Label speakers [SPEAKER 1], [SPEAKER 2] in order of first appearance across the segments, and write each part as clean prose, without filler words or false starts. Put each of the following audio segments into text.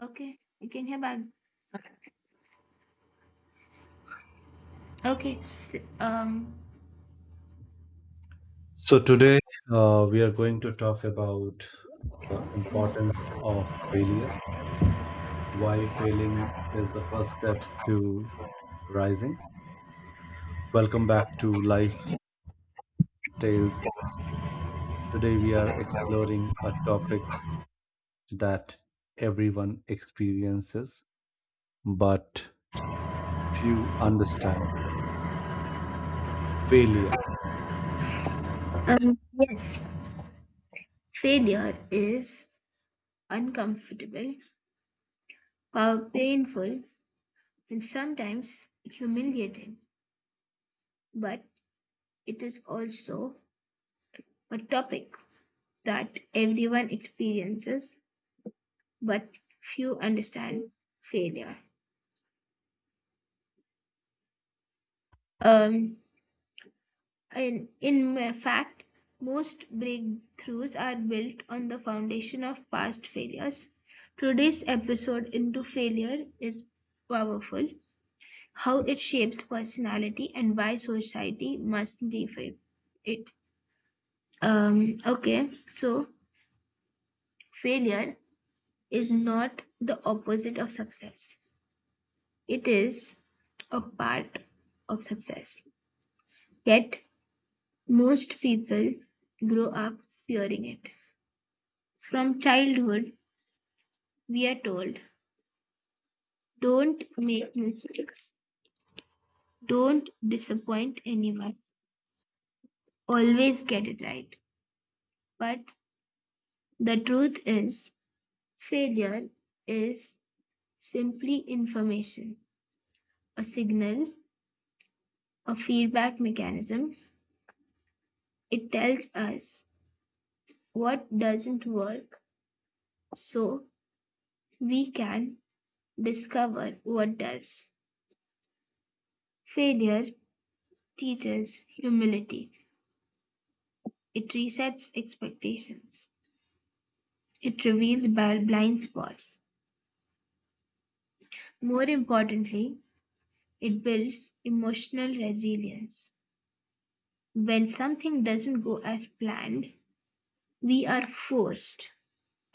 [SPEAKER 1] Okay, you can hear back. Okay, s- um,
[SPEAKER 2] So today we are going to talk about the importance of failure, why failing is the first step to rising. Welcome back to Life Tales. Today we are exploring a topic that everyone experiences but few understand failure.
[SPEAKER 1] Yes, failure is uncomfortable, painful, and sometimes humiliating, but it is also a topic that everyone experiences, but few understand failure. Um, in fact, most breakthroughs are built on the foundation of past failures. Today's episode into failure is powerful, how it shapes personality and why society must defame it. Okay, so failure is not the opposite of success. It is a part of success. Yet most people grow up fearing it. From childhood, we are told, don't make mistakes, don't disappoint anyone, always get it right. But the truth is, failure is simply information, a signal, a feedback mechanism. It tells us what doesn't work so we can discover what does. Failure teaches humility, it resets expectations. It reveals blind spots. More importantly, it builds emotional resilience. When something doesn't go as planned, we are forced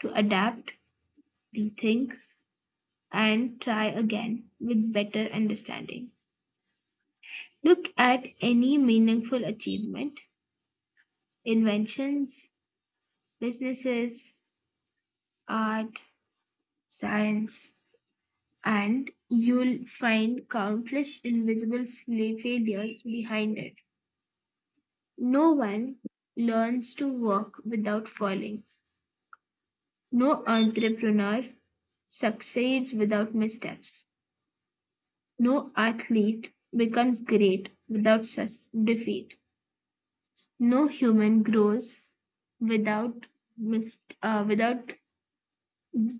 [SPEAKER 1] to adapt, rethink, and try again with better understanding. Look at any meaningful achievement, inventions, businesses, art, science, and you'll find countless invisible failures behind it. No one learns to walk without falling. No entrepreneur succeeds without missteps. No athlete becomes great without defeat. No human grows without without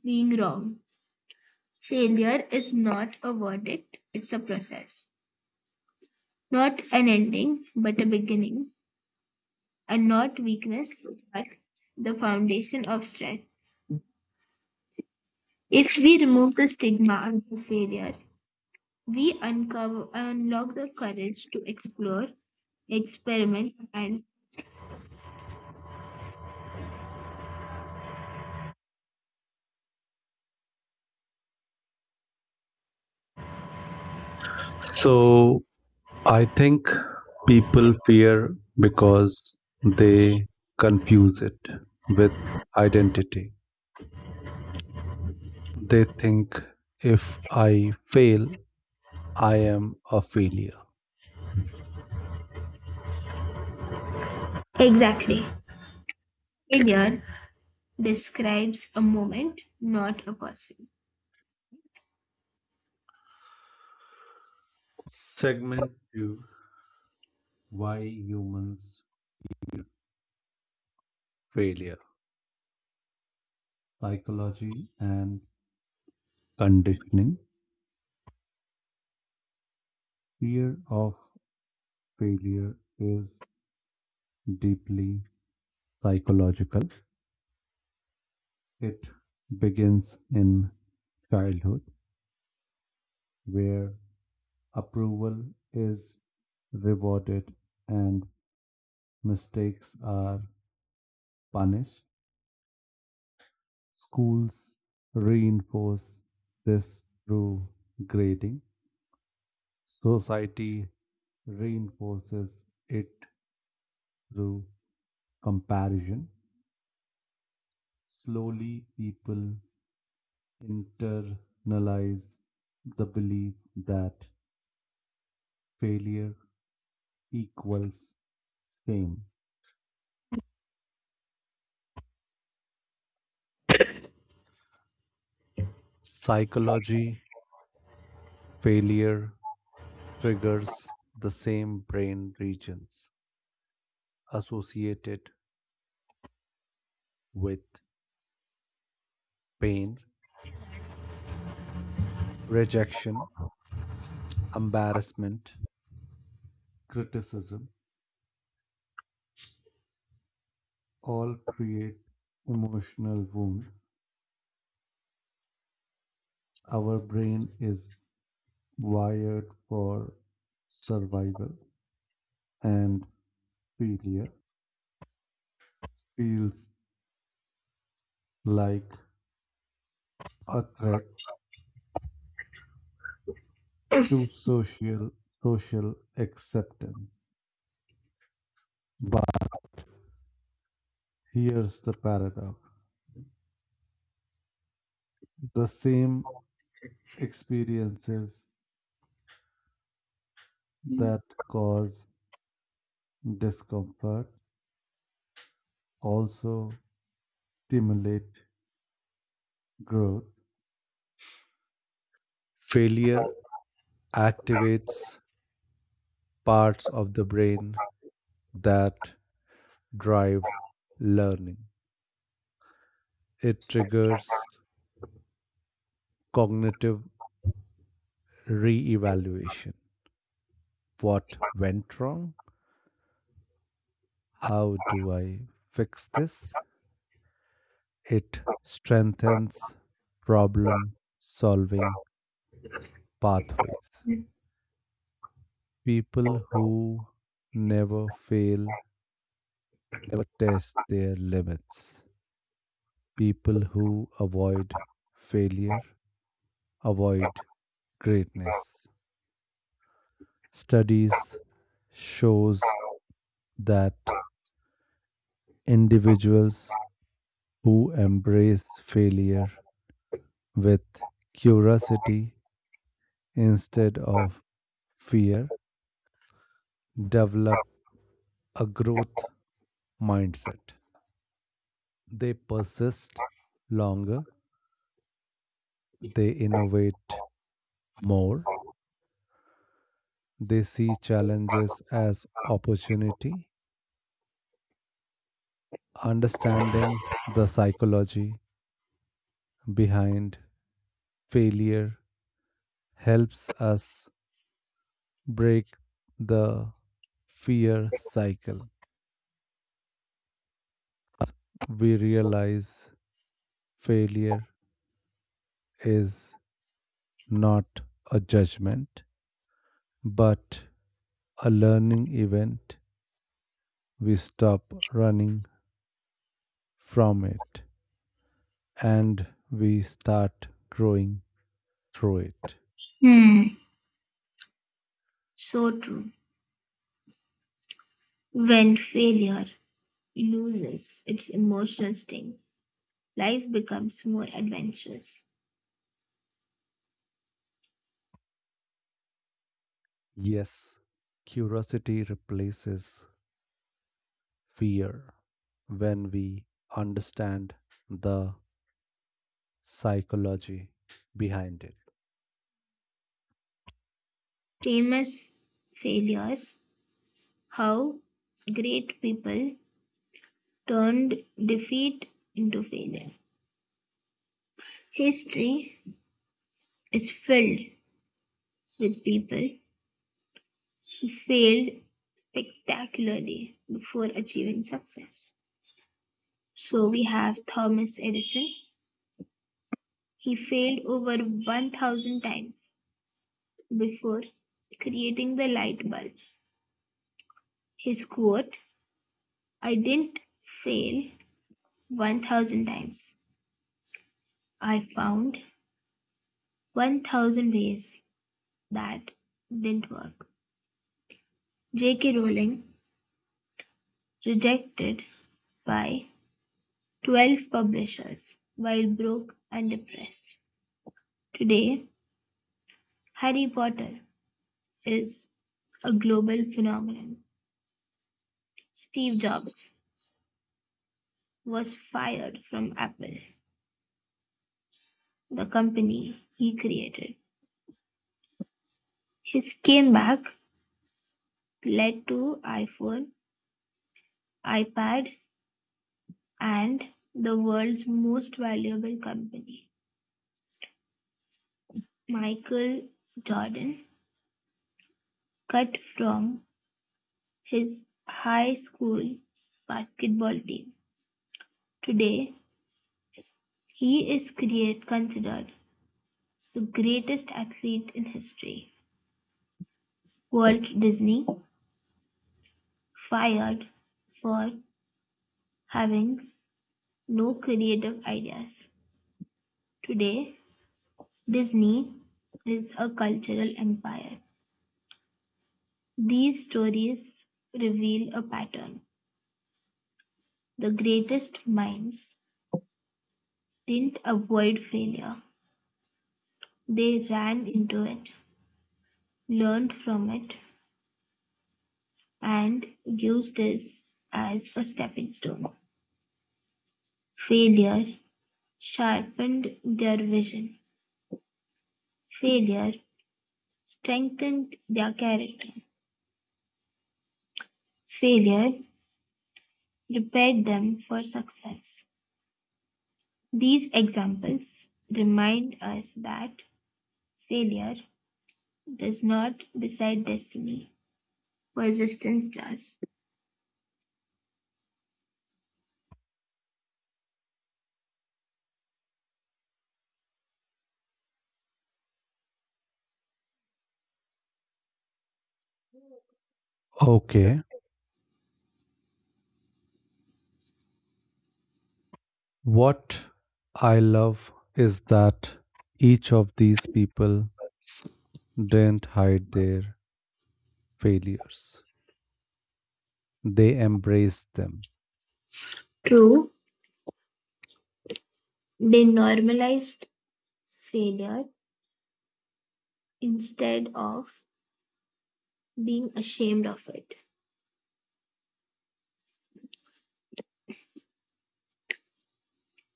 [SPEAKER 1] being wrong. Failure is not a verdict; it's a process. Not an ending, but a beginning, and not weakness, but the foundation of strength. If we remove the stigma of failure, we uncover unlock the courage to explore, experiment, and
[SPEAKER 2] So I think people fear because they confuse it with identity. They think if I fail, I am a failure.
[SPEAKER 1] exactly. Failure describes a moment, not a person.
[SPEAKER 2] Segment 2: Why Humans Fear Failure, Psychology and Conditioning. Fear of failure is deeply psychological. It begins in childhood, where approval is rewarded and mistakes are punished. Schools reinforce this through grading. Society reinforces it through comparison. Slowly, people internalize the belief that failure equals shame. Psychology, failure triggers the same brain regions associated with pain, rejection, embarrassment, criticism, all create emotional wound. Our brain is wired for survival and failure feels like a threat to social acceptance. But here's the paradox. The same experiences that cause discomfort also stimulate growth. Failure activates parts of the brain that drive learning. It triggers cognitive reevaluation. What went wrong? How do I fix this? It strengthens problem solving pathways. People who never fail never test their limits. People who avoid failure avoid greatness. Studies shows that individuals who embrace failure with curiosity instead of fear develop a growth mindset. They persist longer, they innovate more. They see challenges as opportunity, understanding the psychology behind failure helps us break the fear cycle. We realize failure is not a judgment, but a learning event. We stop running from it and we start growing through it.
[SPEAKER 1] Hmm. So true. When failure loses its emotional sting, life becomes more adventurous.
[SPEAKER 2] Yes, curiosity replaces fear when we understand the psychology behind it.
[SPEAKER 1] Famous failures, how great people turned defeat into failure. History is filled with people who failed spectacularly before achieving success. So we have Thomas Edison. He failed over 1000 times before creating the light bulb. His quote, I didn't fail 1000 times. I found 1000 ways that didn't work. J.K. Rowling, rejected by 12 publishers while broke and depressed. Today, Harry Potter is a global phenomenon. Steve Jobs was fired from Apple, the company he created. His comeback led to iPhone, iPad, and the world's most valuable company. Michael Jordan cut from his high school basketball team. Today, he considered the greatest athlete in history. Walt Disney fired for having no creative ideas. Today, Disney is a cultural empire. These stories reveal a pattern. The greatest minds didn't avoid failure, they ran into it, learned from it, and used this as a stepping stone. Failure sharpened their vision. Failure strengthened their character. Failure prepared them for success. These examples remind us that failure does not decide destiny, persistence does.
[SPEAKER 2] Okay, what I love is that each of these people didn't hide their failures, they embraced them.
[SPEAKER 1] True, they normalized failure instead of being ashamed of it.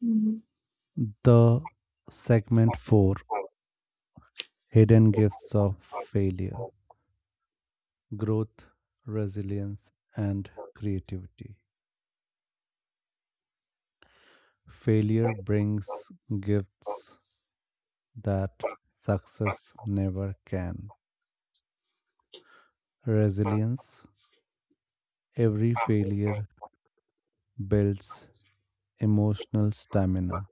[SPEAKER 1] Mhm.
[SPEAKER 2] The segment 4: Hidden Gifts of Failure, Growth, Resilience, and Creativity. Failure brings gifts that success never can. Resilience. Every failure builds emotional stamina.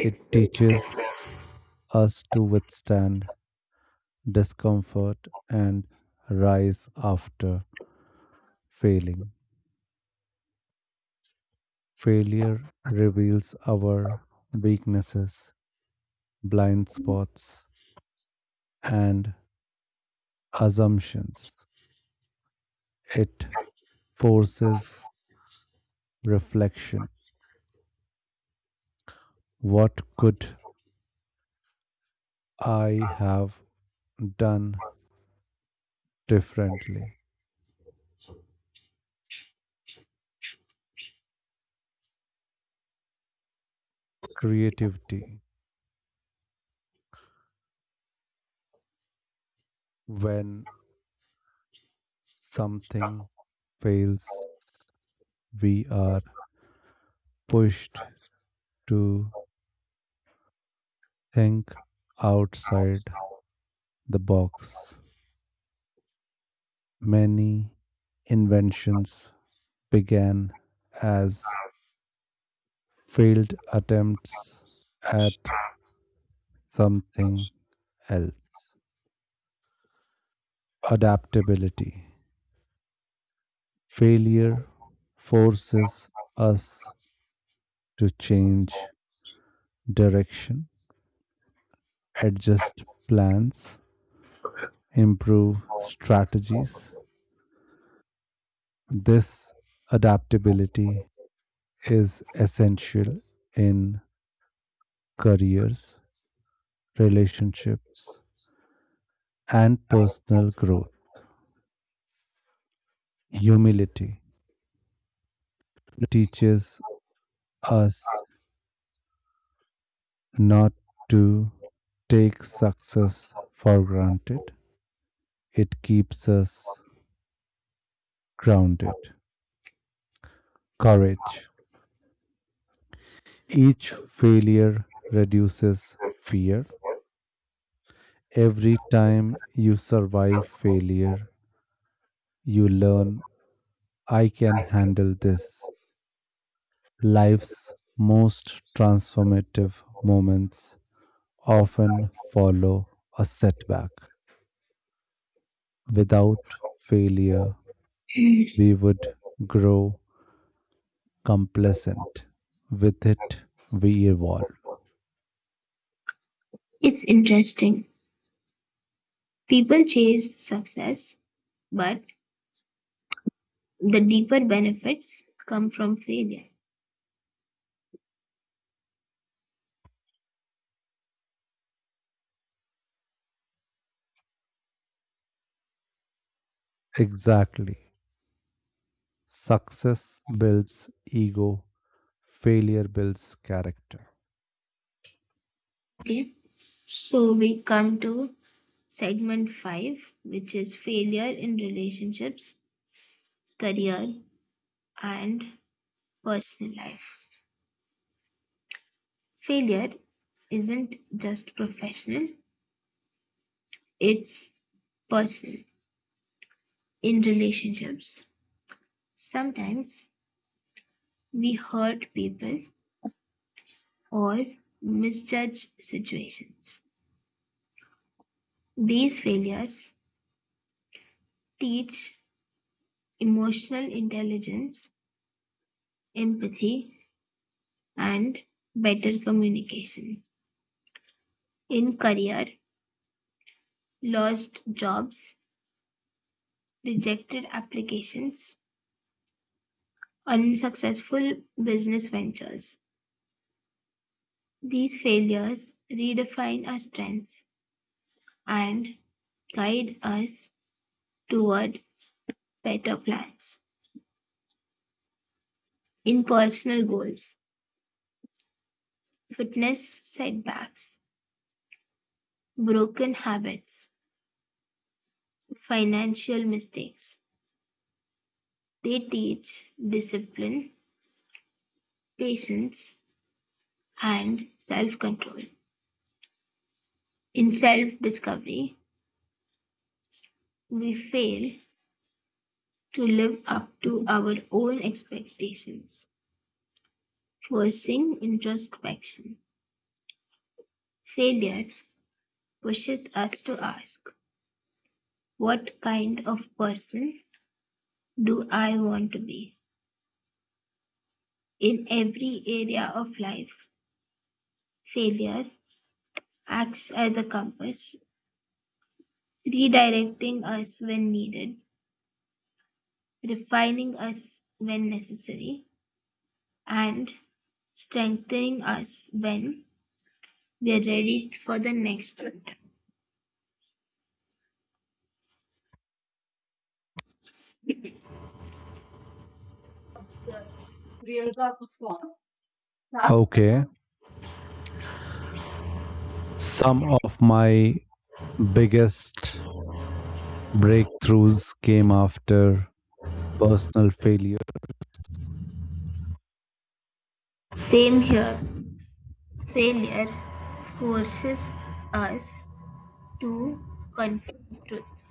[SPEAKER 2] It teaches us to withstand discomfort and rise after failing. Failure reveals our weaknesses, blind spots, and assumptions. It forces reflection. What could I have done differently? Creativity. When something fails, we are pushed to think outside the box. Many inventions began as failed attempts at something else. Adaptability. Failure forces us to change direction, adjust plans, improve strategies. This adaptability is essential in careers, relationships, and personal growth. Humility teaches us not to take success for granted, it keeps us grounded. Courage. Each failure reduces fear. Every time you survive failure, you learn I can handle this. Life's most transformative moments often follow a setback. Without failure, we would grow complacent. With it, we evolve.
[SPEAKER 1] It's interesting. People chase success, but the deeper benefits come from failure.
[SPEAKER 2] Exactly. Success builds ego, failure builds character.
[SPEAKER 1] Okay, so we come to segment five, which is failure in relationships, career, and personal life. Failure isn't just professional, it's personal in relationships. Sometimes we hurt people or misjudge situations. These failures teach emotional intelligence empathy, and better communication. In career, lost jobs, rejected applications, unsuccessful business ventures. These failures redefine our strengths and guide us toward better plans. In personal goals, fitness setbacks, broken habits, financial mistakes, they teach discipline, patience, and self control. In self discovery, we fail to live up to our own expectations, forcing introspection. Failure pushes us to ask, what kind of person do I want to be? In every area of life, failure acts as a compass, redirecting us when needed, refining us when necessary, and strengthening us when we're ready for the next one.
[SPEAKER 2] Okay. Some of my biggest breakthroughs came after personal failure.
[SPEAKER 1] Same here, failure forces us to confront truth.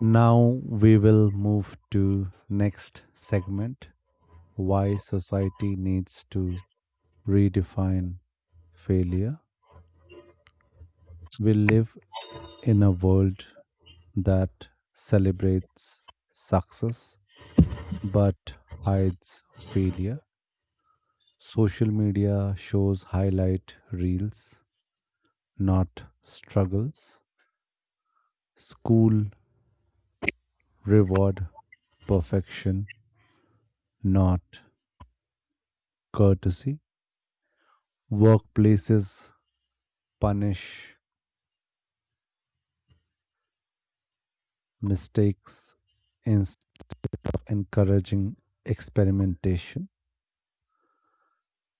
[SPEAKER 2] Now we will move to next segment, why society needs to redefine failure. We live in a world that celebrates success but hides failure. Social media shows highlight reels, not struggles. School reward perfection, not courtesy. Workplaces punish mistakes instead of encouraging experimentation.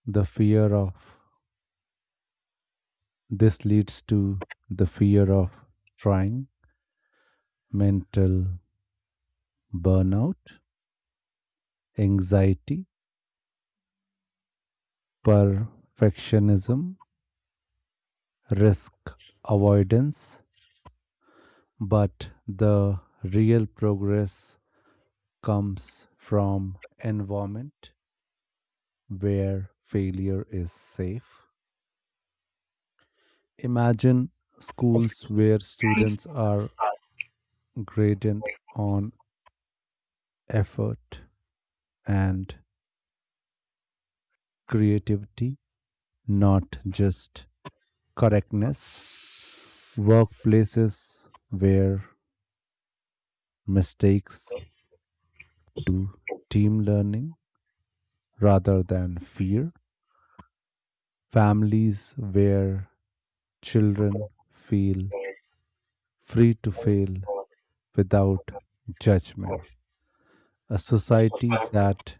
[SPEAKER 2] The fear of this leads to the fear of trying, mental burnout, anxiety perfectionism, risk avoidance, but the real progress comes from environment where failure is safe. Imagine schools where
[SPEAKER 1] I
[SPEAKER 2] students are graded on effort and creativity, not just correctness. Workplaces where mistakes to team learning rather than fear, families where children feel free to fail without judgment, a society that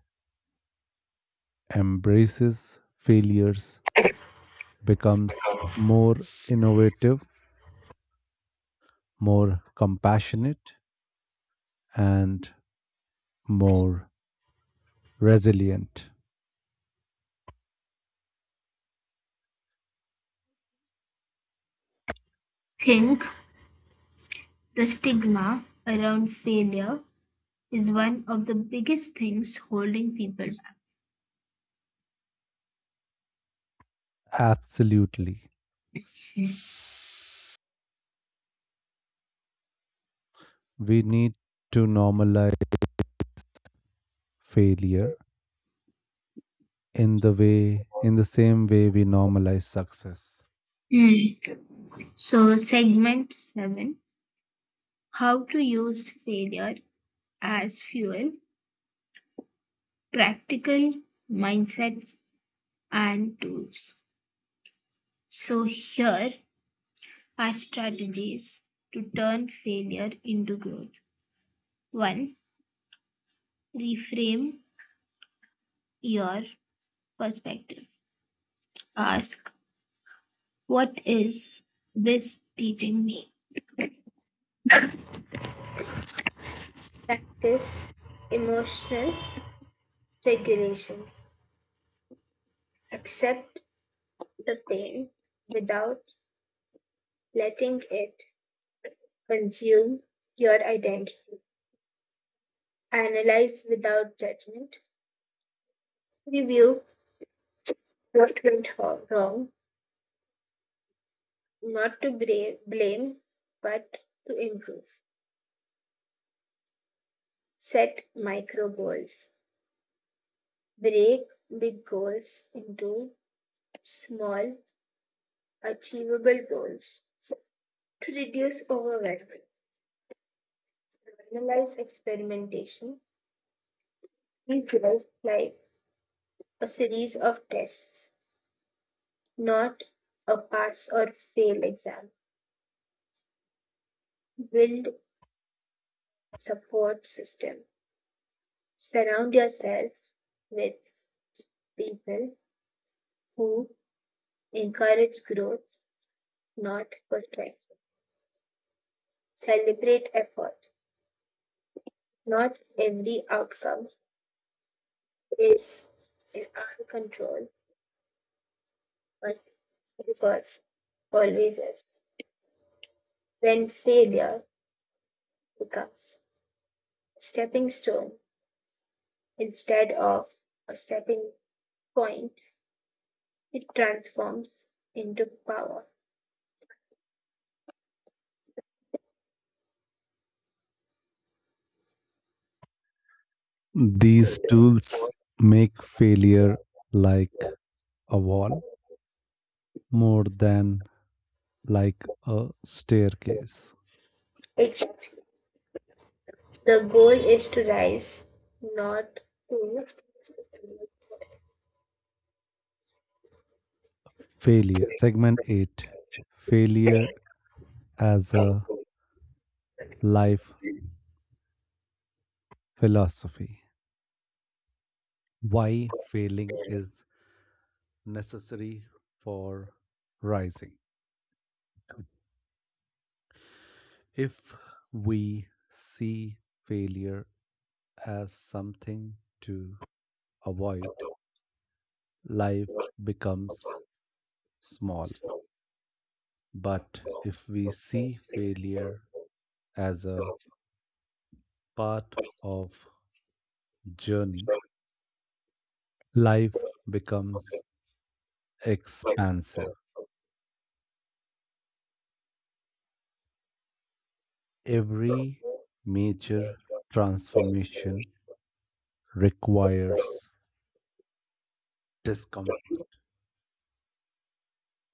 [SPEAKER 2] embraces failures becomes more innovative, more compassionate, and more resilient.
[SPEAKER 1] think the stigma around failure is one of the biggest things holding people back.
[SPEAKER 2] Absolutely. We need to normalize failure in the way in the same way we normalize success.
[SPEAKER 1] Hmm. So, segment seven, how to use failure as fuel, practical mindsets, and tools. So, here are strategies to turn failure into growth. 1. Reframe your perspective. Ask, what is this teaching me? Practice emotional regulation. Accept the pain without letting it consume your identity. Analyze without judgment. Review what went wrong, not to blame, but to improve. Set micro goals. Break big goals into small, achievable goals to reduce overwhelm. Analyze experimentation and growth like a series of tests, not a pass or fail exam. Build support system. Surround yourself with people who encourage growth not perfection. Celebrate effort. Not every outcome is in our control, but because always is. When failure becomes a stepping stone instead of a stepping point, it transforms into power.
[SPEAKER 2] These tools make failure like a wall more than like a staircase.
[SPEAKER 1] Exactly. The goal is to rise, not to.
[SPEAKER 2] Failure. Segment 8: Failure as a Life Philosophy. Why failing is necessary for rising. If we see failure as something to avoid, life becomes small. But if we see failure as a part of journey, life becomes expansive. Every major transformation requires discomfort.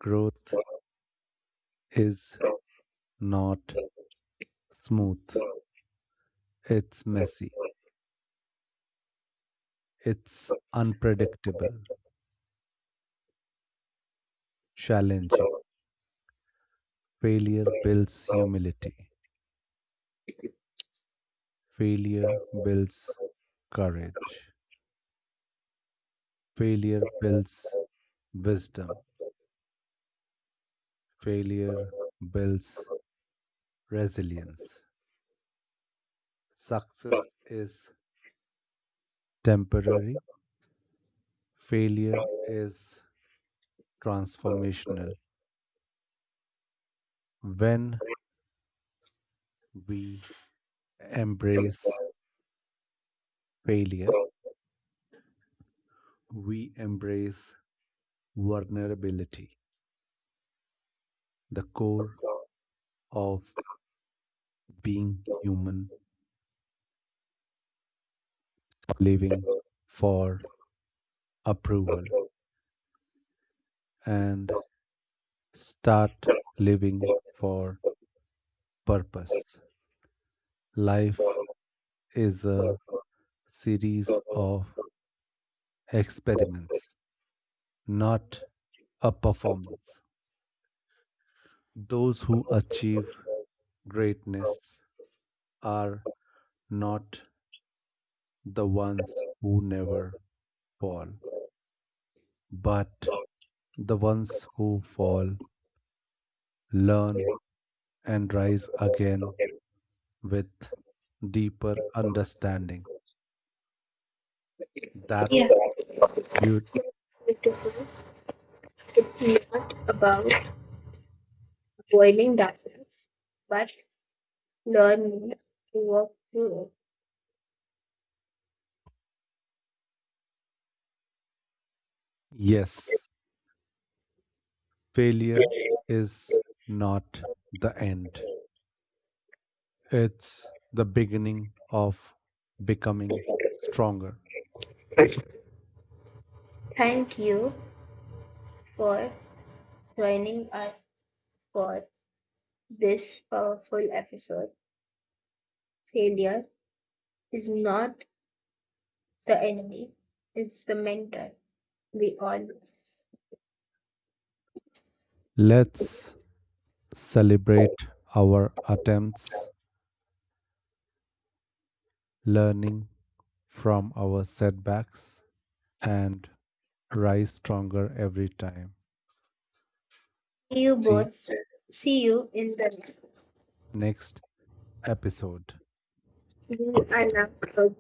[SPEAKER 2] Growth is not smooth. It's messy. It's unpredictable, challenging. Failure builds humility. Failure builds courage. Failure builds Wisdom. Failure builds resilience. Success is temporary. Failure is transformational. When we embrace failure, we embrace vulnerability, the core of being human, living for approval, and start living for purpose. Life is a series of experiments, not a performance. Those who achieve greatness are not the ones who never fall, but the ones who fall, learn, and rise again with deeper understanding.
[SPEAKER 1] Yeah.
[SPEAKER 2] That's beautiful.
[SPEAKER 1] It- It's not about boiling darkness, but learning to work through it.
[SPEAKER 2] Yes, failure is not the end. It's the beginning of becoming stronger.
[SPEAKER 1] Thank you for joining us for this powerful episode. Failure is not the enemy, it's the mentor we all need.
[SPEAKER 2] Let's celebrate our attempts, learning from our setbacks, and rise stronger every time.
[SPEAKER 1] See you
[SPEAKER 2] See
[SPEAKER 1] both. See you in the next.
[SPEAKER 2] next episode.
[SPEAKER 1] We are now.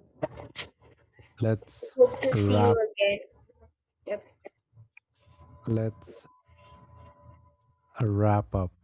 [SPEAKER 2] Let's
[SPEAKER 1] Hope to see
[SPEAKER 2] wrap.
[SPEAKER 1] you again.
[SPEAKER 2] Let's wrap up.